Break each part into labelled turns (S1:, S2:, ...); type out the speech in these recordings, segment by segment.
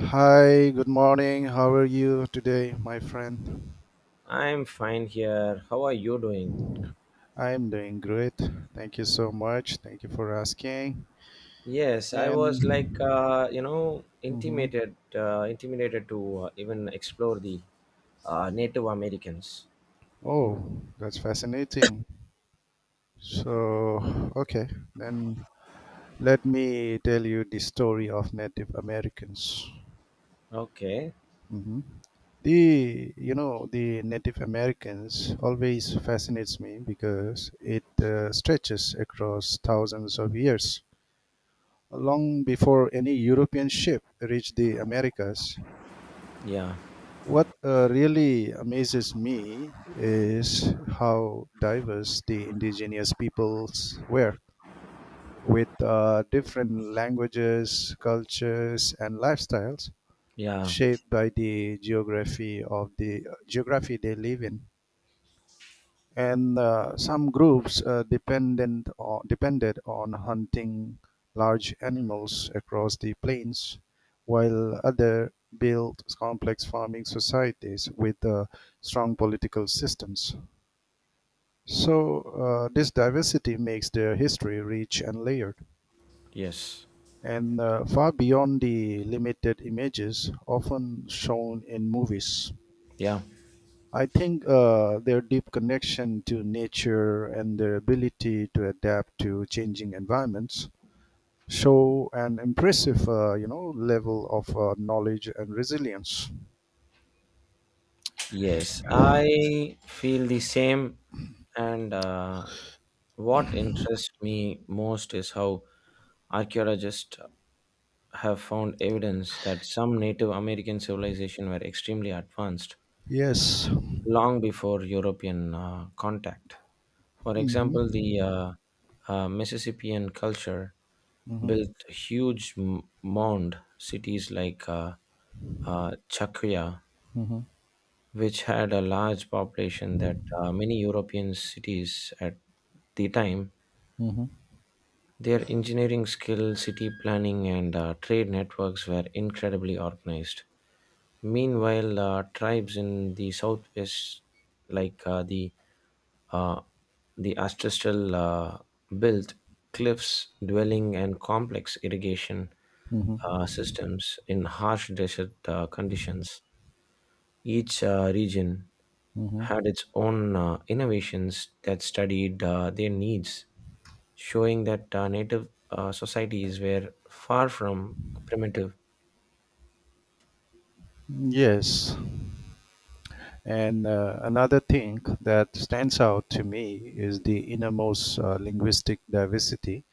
S1: Hi, good morning. How are you today, my friend?
S2: I'm fine here. How are you doing?
S1: I'm doing great. Thank you so much. Thank you for asking.
S2: Yes, I was like
S1: And.
S2: uh, you know
S1: Hmm.
S2: intimidated intimidated to even explore the Native Americans.
S1: Oh, that's fascinating. So, okay, then let me tell you the story of Native Americans.
S2: Okay.
S1: Hmm. The you know the Native Americans always fascinates me because it stretches across thousands of years long before any European ship reached the Americas.
S2: Yeah.
S1: What really amazes me is how diverse the indigenous peoples were, with different languages, cultures, and lifestyles
S2: Yeah.
S1: shaped by the geography of the geography they live in. And some groups depended on hunting large animals across the plains, while others built complex farming societies with strong political systems. So, this diversity makes their history rich and layered,
S2: Yes.
S1: and far beyond the limited images often shown in movies.
S2: Yeah.
S1: I think their deep connection to nature and their ability to adapt to changing environments show an impressive, level of knowledge and resilience.
S2: Yes, I feel the same and what interests me most is how archaeologists have found evidence that some Native American civilization were extremely advanced
S1: Yes.
S2: long before European contact. For example, the
S1: Mm-hmm.
S2: uh, uh, Mississippian culture
S1: Mm-hmm.
S2: built huge mound cities like Chakuya,
S1: Mm-hmm.
S2: which had a large population that many European cities at the time.
S1: Mm-hmm.
S2: Their engineering skill, city planning, and trade networks were incredibly organized. Meanwhile, tribes in the southwest, like uh, the ancestral built cliffs, dwelling, and complex irrigation
S1: Mm-hmm.
S2: systems in harsh desert conditions. Each region
S1: Mm-hmm.
S2: had its own innovations that studied their needs, showing that native societies were far from primitive.
S1: Yes. And another thing that stands out to me is the innermost linguistic diversity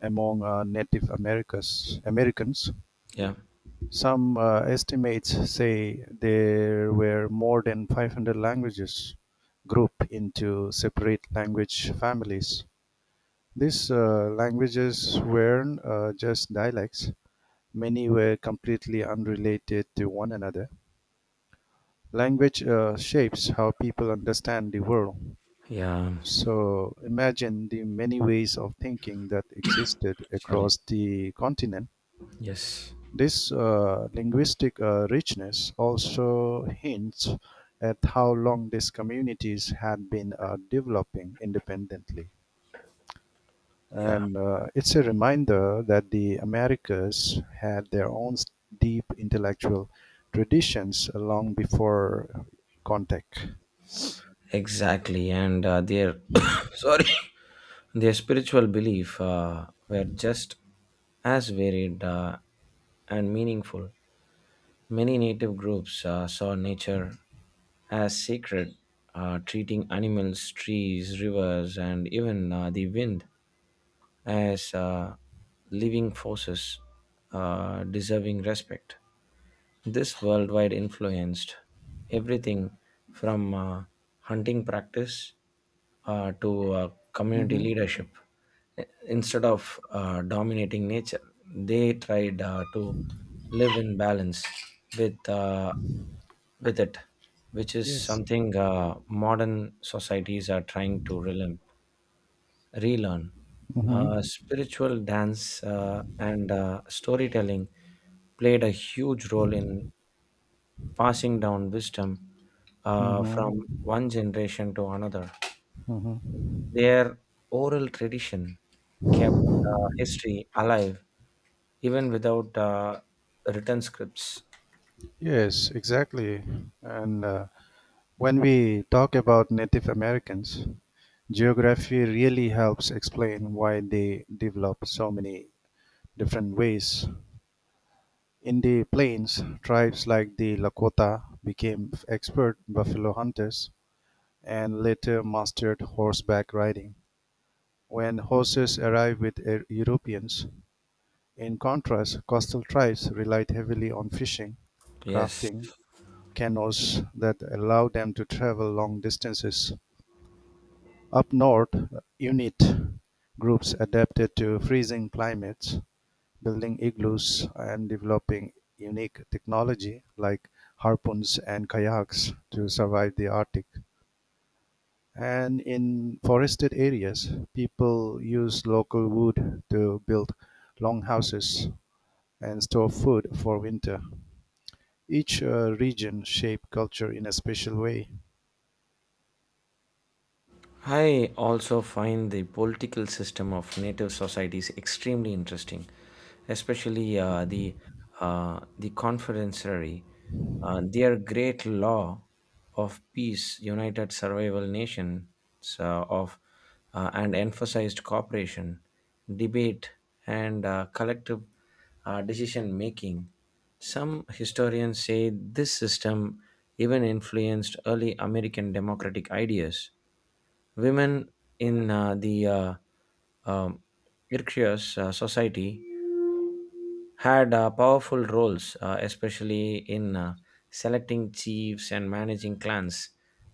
S1: among Americans.
S2: Yeah,
S1: Some estimates say there were more than 500 languages grouped into separate language families. These languages weren't just dialects, many were completely unrelated to one another. Language shapes how people understand the world.
S2: yeah,
S1: So imagine the many ways of thinking that existed
S2: sorry.
S1: across the continent.
S2: Yes,
S1: This linguistic richness also hints at how long these communities had been developing independently.
S2: yeah,
S1: And it's a reminder that the Americas had their own deep intellectual traditions long before contact.
S2: exactly. And their, sorry. Their spiritual beliefs were just as varied and meaningful. Many native groups saw nature as sacred, treating animals, trees, rivers, and even the wind as living forces deserving respect. This worldwide influenced everything from hunting practice to community
S1: Hmm.
S2: leadership. Instead of dominating nature, they tried to live in balance with uh, with it, which is
S1: Yes.
S2: something modern societies are trying to relearn.
S1: Hmm.
S2: Spiritual dance and storytelling played a huge role in passing down wisdom
S1: Hmm.
S2: from one generation to another.
S1: Hmm.
S2: Their oral tradition kept history alive even without written scripts.
S1: Yes, exactly. And when we talk about Native Americans, geography really helps explain why they developed so many different ways. In the plains, tribes like the Lakota became expert buffalo hunters and later mastered horseback riding when horses arrived with Europeans. In contrast, coastal tribes relied heavily on fishing,
S2: Yes.
S1: crafting canoes that allowed them to travel long distances. Up north, Inuit groups adapted to freezing climates, building igloos and developing unique technology like harpoons and kayaks to survive the Arctic. And in forested areas, people use local wood to build longhouses and store food for winter. Each region shaped culture in a special way.
S2: I also find the political system of native societies extremely interesting, especially the confederatory. Their great law of peace united survival nations of and emphasized cooperation, debate, and collective decision making. Some historians say this system even influenced early American democratic ideas. Women in the um, Irkutsk society had powerful roles, especially in selecting chiefs and managing clans.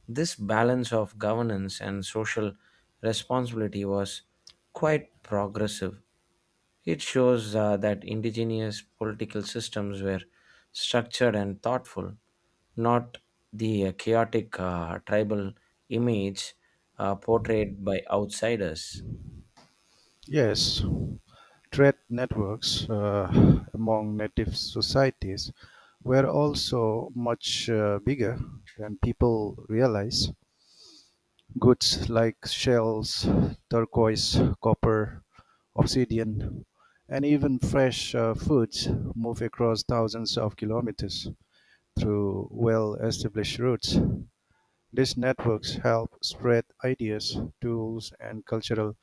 S2: This balance of governance and social responsibility was quite progressive. It shows that indigenous political systems were structured and thoughtful, not the chaotic tribal image portrayed by outsiders.
S1: Yes, trade networks among native societies were also much bigger than people realize. Goods like shells, turquoise, copper, obsidian, and even fresh foods move across thousands of kilometers through well established routes. These networks help spread ideas, tools, and cultural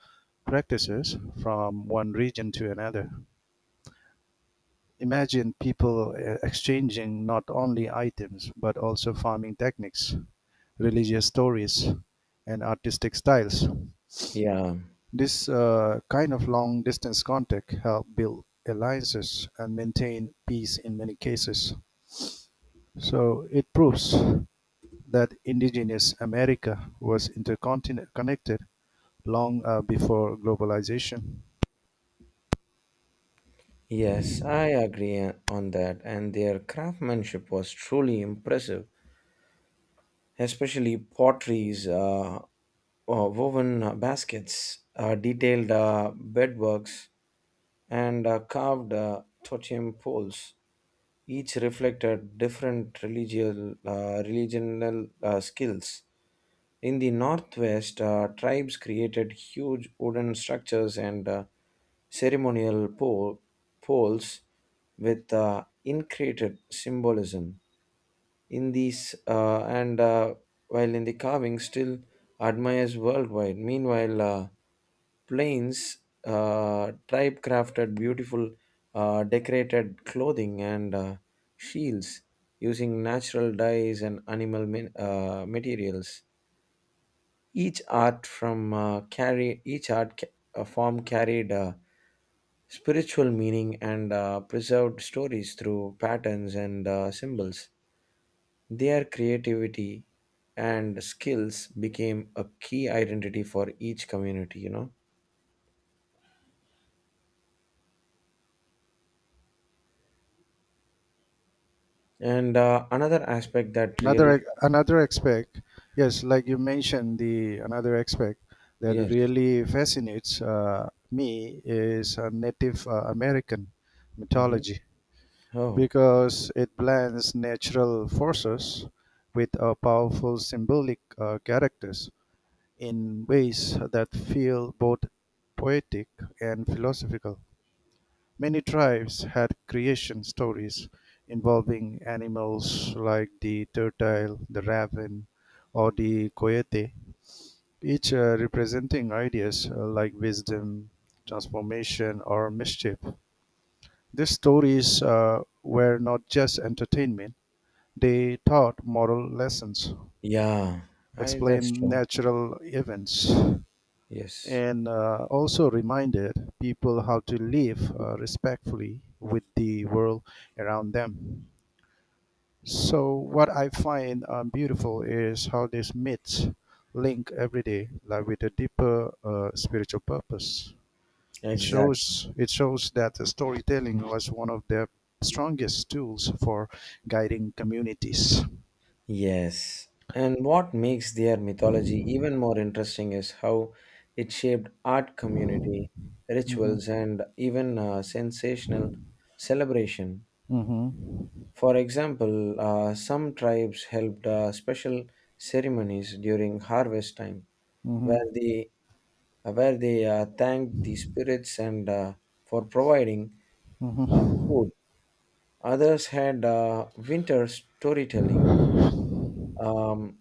S1: practices from one region to another. Imagine people exchanging not only items but also farming techniques, religious stories, and artistic styles.
S2: Yeah,
S1: This kind of long distance contact helped build alliances and maintain peace in many cases. So it proves that indigenous America was intercontinent connected long before globalization.
S2: yes, I agree on that. And their craftsmanship was truly impressive, especially potteries, woven baskets, detailed bedworks, and carved totem poles. Each reflected different religious, religional skills. In the northwest, tribes created huge wooden structures and ceremonial poles with intricate symbolism. In these and While in the carving, still admires worldwide. Meanwhile, plains tribe crafted beautiful decorated clothing and shields using natural dyes and animal materials, each art from carry each art ca- form carried spiritual meaning and preserved stories through patterns and symbols. Their creativity and skills became a key identity for each community. You know, and another aspect that really
S1: Another aspect, yes, like you mentioned, the another aspect that
S2: yes,
S1: really fascinates me is Native American
S2: hmm,
S1: mythology
S2: oh,
S1: because it blends natural forces with powerful symbolic characters in ways that feel both poetic and philosophical. Many tribes had creation stories involving animals like the turtle, the raven, or the coyote, each representing ideas like wisdom, transformation, or mischief. These stories were not just entertainment, they taught moral lessons,
S2: yeah, I that's
S1: explained
S2: true.
S1: natural events,
S2: Yes,
S1: and also reminded people how to live respectfully with the world around them. So what I find beautiful is how these myths link everyday life with a deeper spiritual purpose. It
S2: exactly.
S1: shows it shows that the storytelling was one of their strongest tools for guiding communities.
S2: Yes. And what makes their mythology even more interesting is how it shaped art community,
S1: Hmm.
S2: rituals, and even sensational celebration.
S1: Hmm.
S2: For example, some tribes held special ceremonies during harvest time,
S1: Hmm.
S2: where they where they thanked the spirits and for providing
S1: Hmm.
S2: food. Others had winter storytelling um,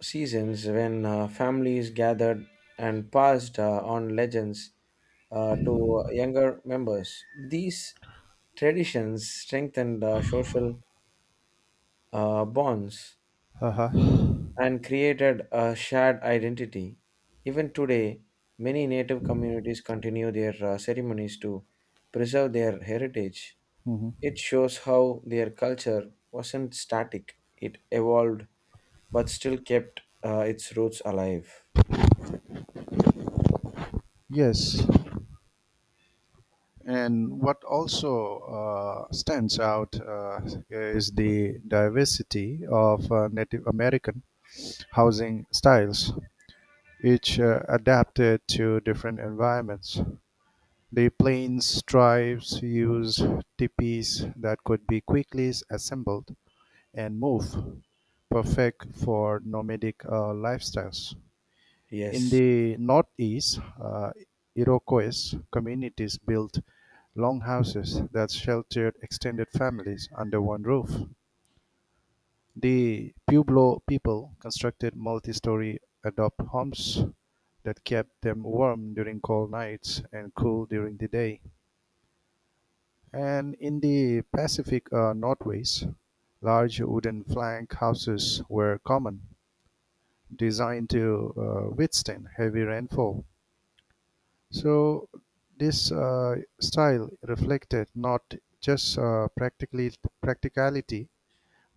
S2: seasons when families gathered and passed on legends to younger members. These traditions strengthened social bonds
S1: Uh-huh.
S2: and created a shared identity. Even today, many native communities continue their ceremonies to preserve their heritage.
S1: Hmm.
S2: It shows how their culture wasn't static, it evolved but still kept its roots alive.
S1: Yes. And what also stands out is the diversity of Native American housing styles. Each adapted to different environments; the plains tribes used tipis that could be quickly assembled and moved, perfect for nomadic lifestyles. In
S2: Yes,
S1: the northeast, Iroquois communities built longhouses that sheltered extended families under one roof. The Pueblo people constructed multi-story adobe homes that kept them warm during cold nights and cool during the day. And in the Pacific Northwest, large wooden plank houses were common, designed to withstand heavy rainfall. So this style reflected not just practically practicality,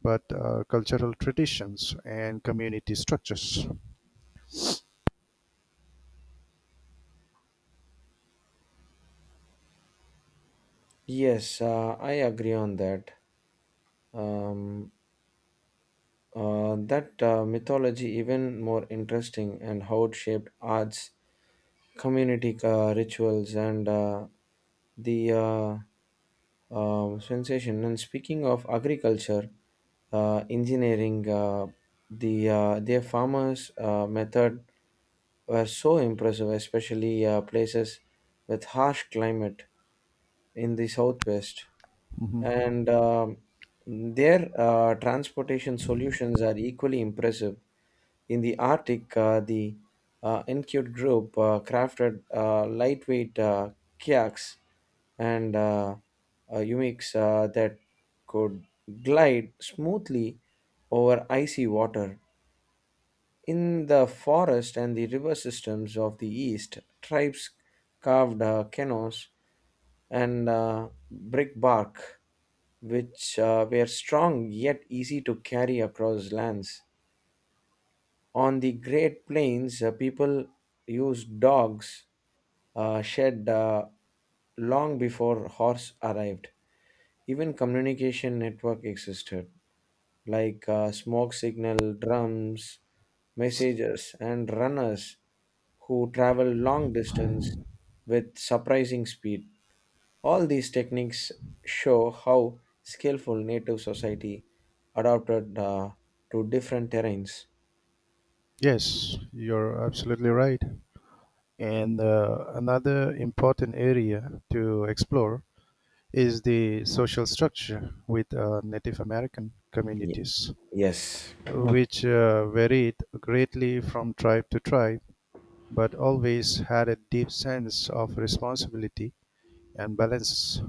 S1: but cultural traditions and community structures.
S2: yes, I agree on that. Um, that mythology even more interesting and how it shaped arts, community rituals, and the sensation. And speaking of agriculture, engineering, their farmers' method were so impressive, especially places with harsh climate in the southwest,
S1: Mhm.
S2: and their transportation solutions are equally impressive. In the Arctic, the Encute group crafted lightweight kayaks and humics that could glide smoothly over icy water. In the forest and the river systems of the east, tribes carved canoes and brickbark, which were strong yet easy to carry across lands. On the Great Plains, people used dogs shed long before horse arrived. Even communication network existed, like smoke signal, drums, messages, and runners who travel long distance with surprising speed. All these techniques show how skillful native society adapted to different terrains.
S1: Yes, you're absolutely right. And another important area to explore is the social structure with Native American
S2: Ye-
S1: communities,
S2: yes,
S1: which varied greatly from tribe to tribe, but always had a deep sense of responsibility and balance.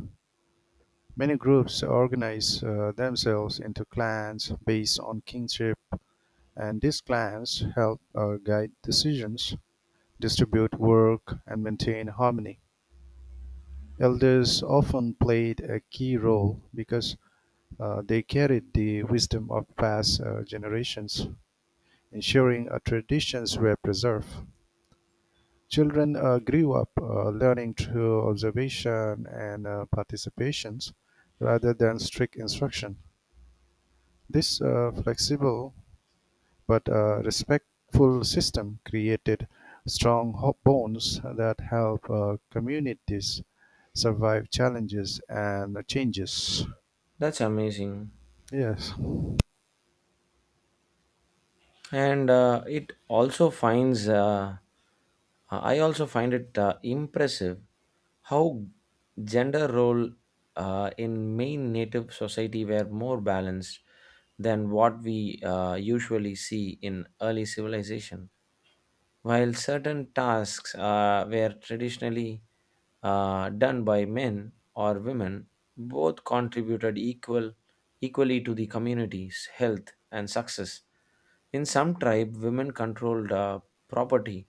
S1: Many groups organize themselves into clans based on kinship, and these clans help guide decisions, distribute work, and maintain harmony. Elders often played a key role because they carried the wisdom of past generations, ensuring traditions were preserved. Children grew up learning through observation and participations rather than strict instruction. This flexible but respectful system created bonds that help communities survive challenges and changes.
S2: that's amazing.
S1: Yes.
S2: And it also finds I also find it impressive how gender role in main native society were more balanced than what we usually see in early civilization. While certain tasks were traditionally done by men or women, both contributed equally to the community's health and success. In some tribe, women controlled property,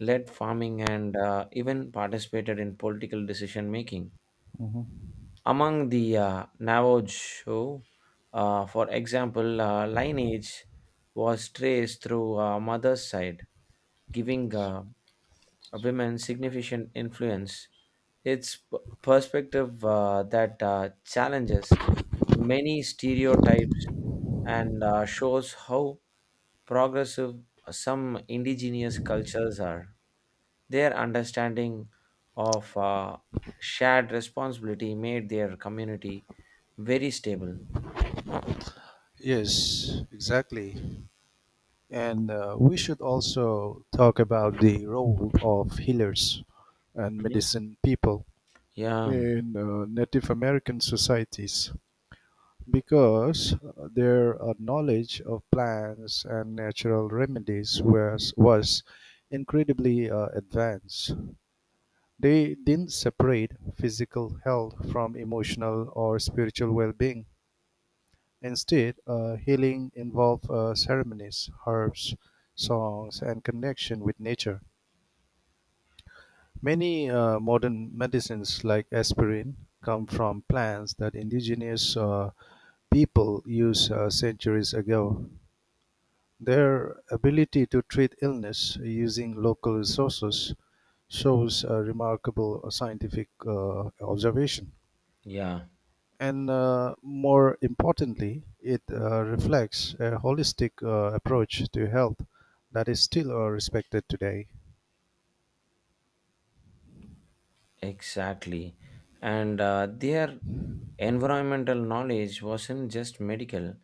S2: led farming, and even participated in political decision making.
S1: Mhm.
S2: Among the Navajo, for example, lineage was traced through mother's side, giving women significant influence. It's p- Perspective that challenges many stereotypes and shows how progressive some indigenous cultures are. Their understanding of shared responsibility made their community very stable.
S1: Yes, exactly. And we should also talk about the role of healers and
S2: Mhm.
S1: medicine people
S2: Yeah,
S1: in Native American societies because their knowledge of plants and natural remedies was incredibly advanced. They didn't separate physical health from emotional or spiritual well being. Instead, healing involved ceremonies, herbs, songs, and connection with nature. Many modern medicines, like aspirin, come from plants that indigenous people used centuries ago. Their ability to treat illness using local resources shows a remarkable scientific observation.
S2: yeah,
S1: And more importantly, it reflects a holistic approach to health that is still respected today.
S2: exactly. And their environmental knowledge wasn't just medical,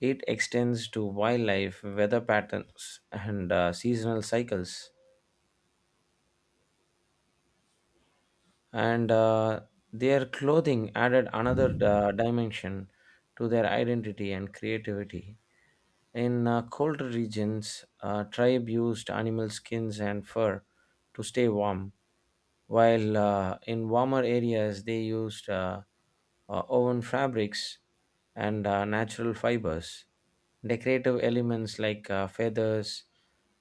S2: it extends to wildlife, weather patterns, and seasonal cycles. And their clothing added another dimension to their identity and creativity. In colder regions, tribe used animal skins and fur to stay warm, while in warmer areas they used woven fabrics and natural fibers. Decorative elements like feathers,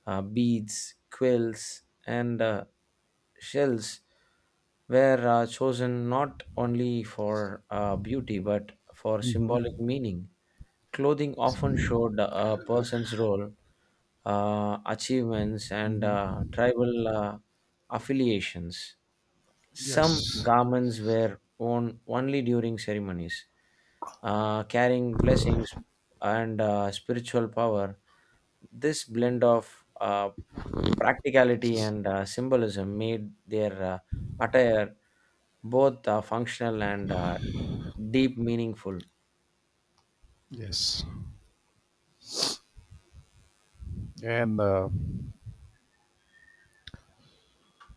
S2: beads, quills, and shells were chosen not only for beauty but for symbolic
S1: Hmm.
S2: meaning. Clothing often showed a person's role, achievements, and
S1: Hmm.
S2: tribal affiliations. Some
S1: Yes,
S2: garments were worn only during ceremonies, carrying blessings and spiritual power. This blend of practicality and symbolism made their attire both functional and deep meaningful.
S1: yes. And uh,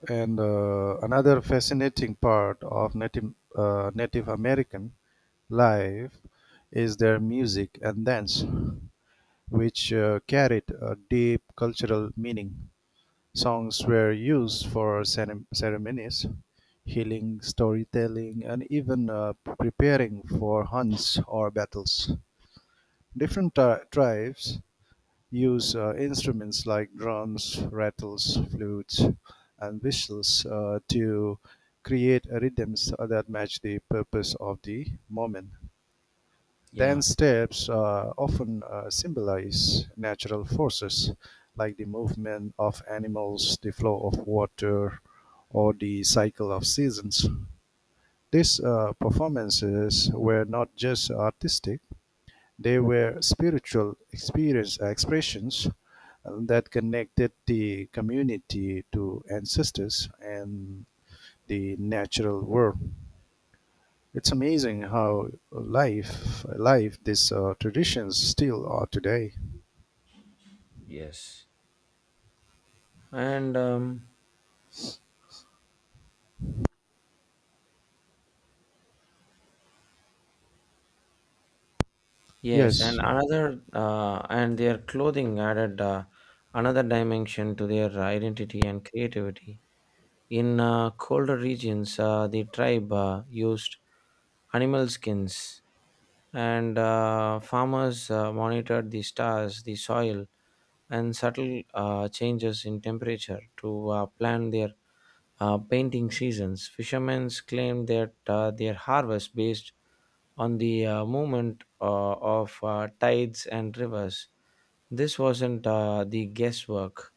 S1: and another fascinating part of Native American life is their music and dance, which carried a deep cultural meaning. Songs were used for ceremonies, healing, storytelling, and even preparing for hunts or battles. Different tribes use instruments like drums, rattles, flutes, and whistles to create rhythms that match the purpose of the moment.
S2: Yeah,
S1: Then steps often symbolize natural forces, like the movement of animals, the flow of water, or the cycle of seasons. These performances were not just artistic, they were spiritual experience expressions that connected the community to ancestors and the natural world. It's amazing how life alive these traditions still are today.
S2: yes. And um, yes, and
S1: Yes,
S2: another uh, and their clothing added another dimension to their identity and creativity. In colder regions, the tribe used animal skins, and farmers monitored the stars, the soil, and subtle changes in temperature to plan their painting seasons. Fishermen claim that their harvest based on the movement of tides and rivers. This wasn't the guesswork,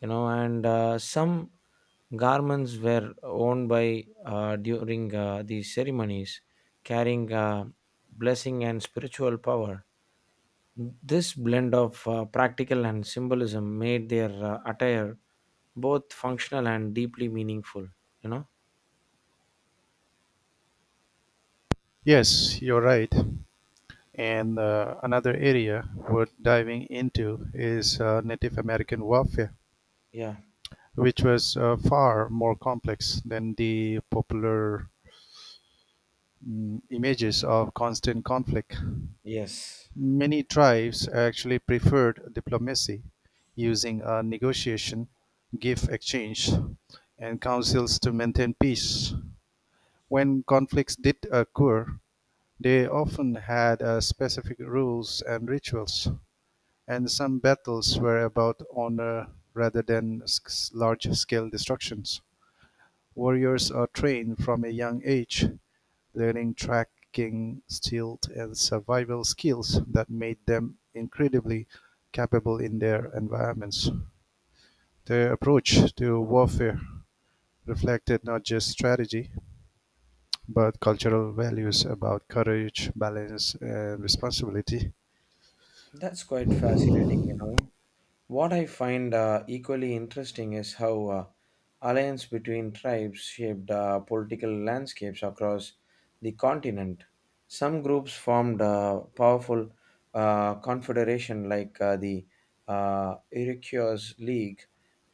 S2: you know, and some garments were worn by during these ceremonies, carrying blessing and spiritual power. This blend of practical and symbolism made their attire both functional and deeply meaningful, you know.
S1: yes, you're right. And another area worth diving into is Native American warfare,
S2: Yeah,
S1: which was far more complex than the popular images of constant conflict.
S2: yes.
S1: Many tribes actually preferred diplomacy, using negotiation, gift exchange, and councils to maintain peace. When conflicts did occur, they often had specific rules and rituals, and some battles were about honor rather than large scale destructions. Warriors are trained from a young age, learning tracking, stealth, and survival skills that made them incredibly capable in their environments. Their approach to warfare reflected not just strategy, but cultural values about courage, balance, and responsibility.
S2: That's quite fascinating, you know. What I find equally interesting is how alliance between tribes shaped political landscapes across the continent. Some groups formed powerful confederation like the Iroquois League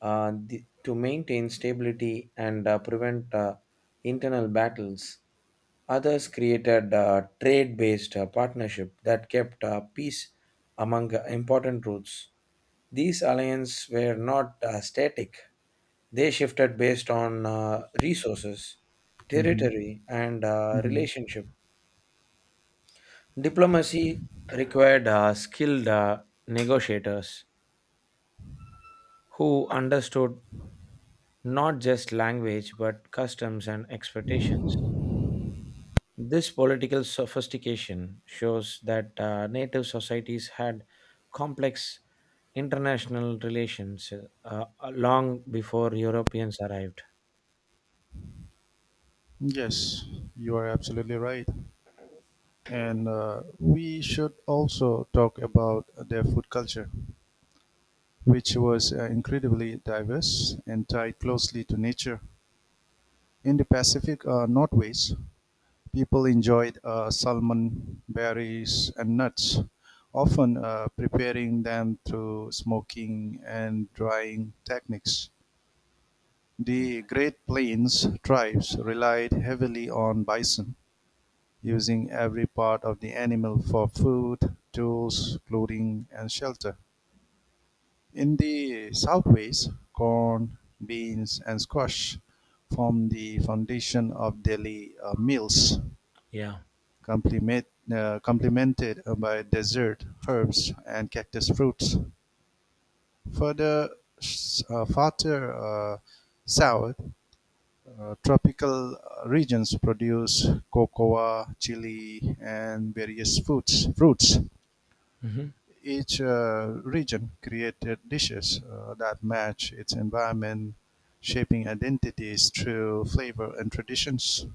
S2: to maintain stability and prevent internal battles. Others created a trade-based partnership that kept peace among important routes. These alliances were not static, they shifted based on resources,
S1: Hmm.
S2: territory, and
S1: Hmm.
S2: relationship. Diplomacy required skilled negotiators who understood not just language but customs and expectations. This political sophistication shows that native societies had complex international relations long before Europeans arrived.
S1: Yes, you are absolutely right. And we should also talk about their food culture, which was incredibly diverse and tied closely to nature. In the Pacific Northwest, people enjoyed salmon, berries, and nuts, often preparing them through smoking and drying techniques.
S2: Yeah.
S1: The Great Plains tribes relied heavily on bison, using every part of the animal for food, tools, clothing, and shelter. In the Southwest, corn, beans, and squash form the foundation of daily meals,
S2: Yeah.
S1: complemented by dessert, herbs, and cactus fruits. Further, farther south, tropical regions produce cocoa, chili, and various fruits.
S2: Mhm.
S1: Each region created dishes that match its environment, shaping identities through flavor and traditions.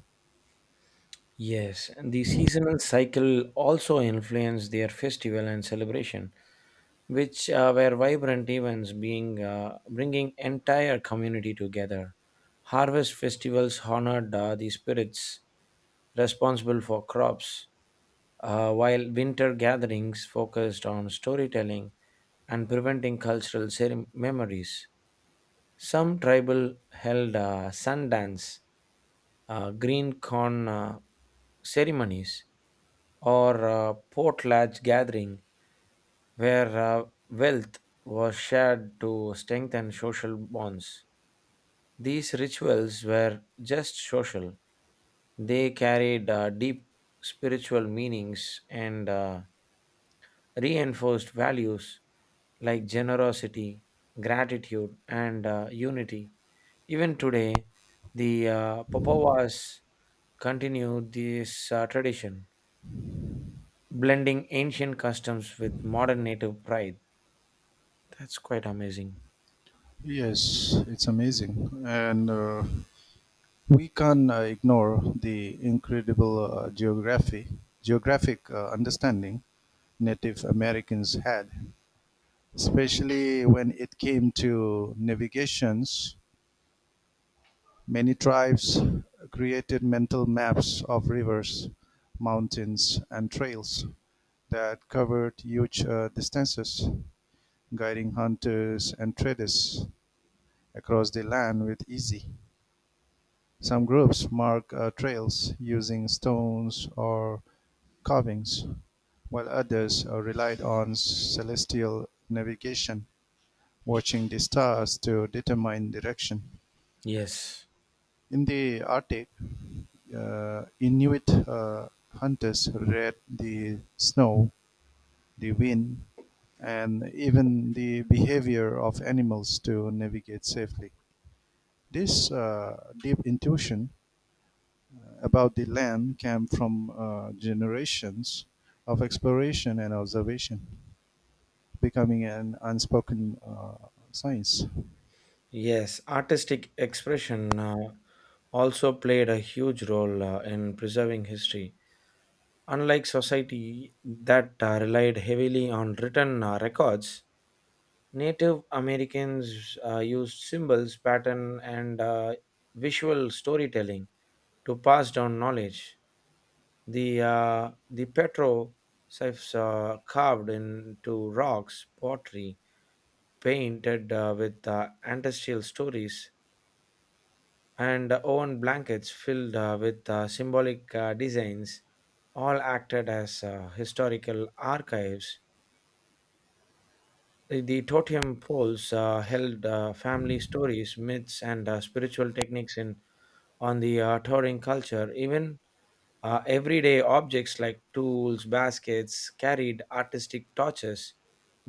S2: Yes, and the seasonal cycle also influenced their festival and celebration, which were vibrant events, being bringing entire community together. Harvest festivals honored the spirits responsible for crops, while winter gatherings focused on storytelling and preventing cultural memories. Some tribal held sun dance, green corn ceremonies, or potlatch gathering where wealth was shared to strengthen social bonds. These rituals were just social. They carried deep spiritual meanings and reinforced values like generosity, gratitude, and unity. Even today, the Papawas continue this tradition, blending ancient customs with modern native pride. That's quite amazing.
S1: Yes, it's amazing. And we can ignore the incredible geographic understanding Native Americans had, especially when it came to navigations. Many tribes created mental maps of rivers, mountains, and trails that covered huge distances, guiding hunters and traders across the land with easy. Some groups mark trails using stones or carvings, while others relied on celestial navigation, watching the stars to determine direction.
S2: Yes,
S1: In the Arctic, Inuit hunters read the snow, the wind, and even the behavior of animals to navigate safely. This deep intuition about the land came from generations of exploration and observation, becoming an unspoken science.
S2: yes. Artistic expression also played a huge role in preserving history. Unlike society that relied heavily on written records, Native Americans used symbols, pattern, and visual storytelling to pass down knowledge. The petroglyphs carved into rocks, pottery painted with ancestral stories, and own blankets filled with symbolic designs, all acted as historical archives. The totem poles held family stories, myths, and spiritual techniques in on the Taurian culture, even everyday objects like tools, baskets carried artistic torches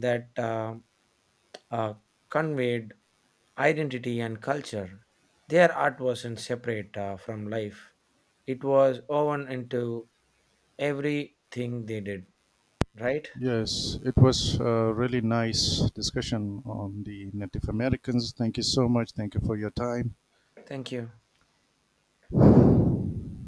S2: that uh, conveyed identity and culture. Their art wasn't separate from life, it was woven into everything they did, right?
S1: Yes, it was a really nice discussion on the Native Americans. Thank you so much. Thank you for your time.
S2: Thank you.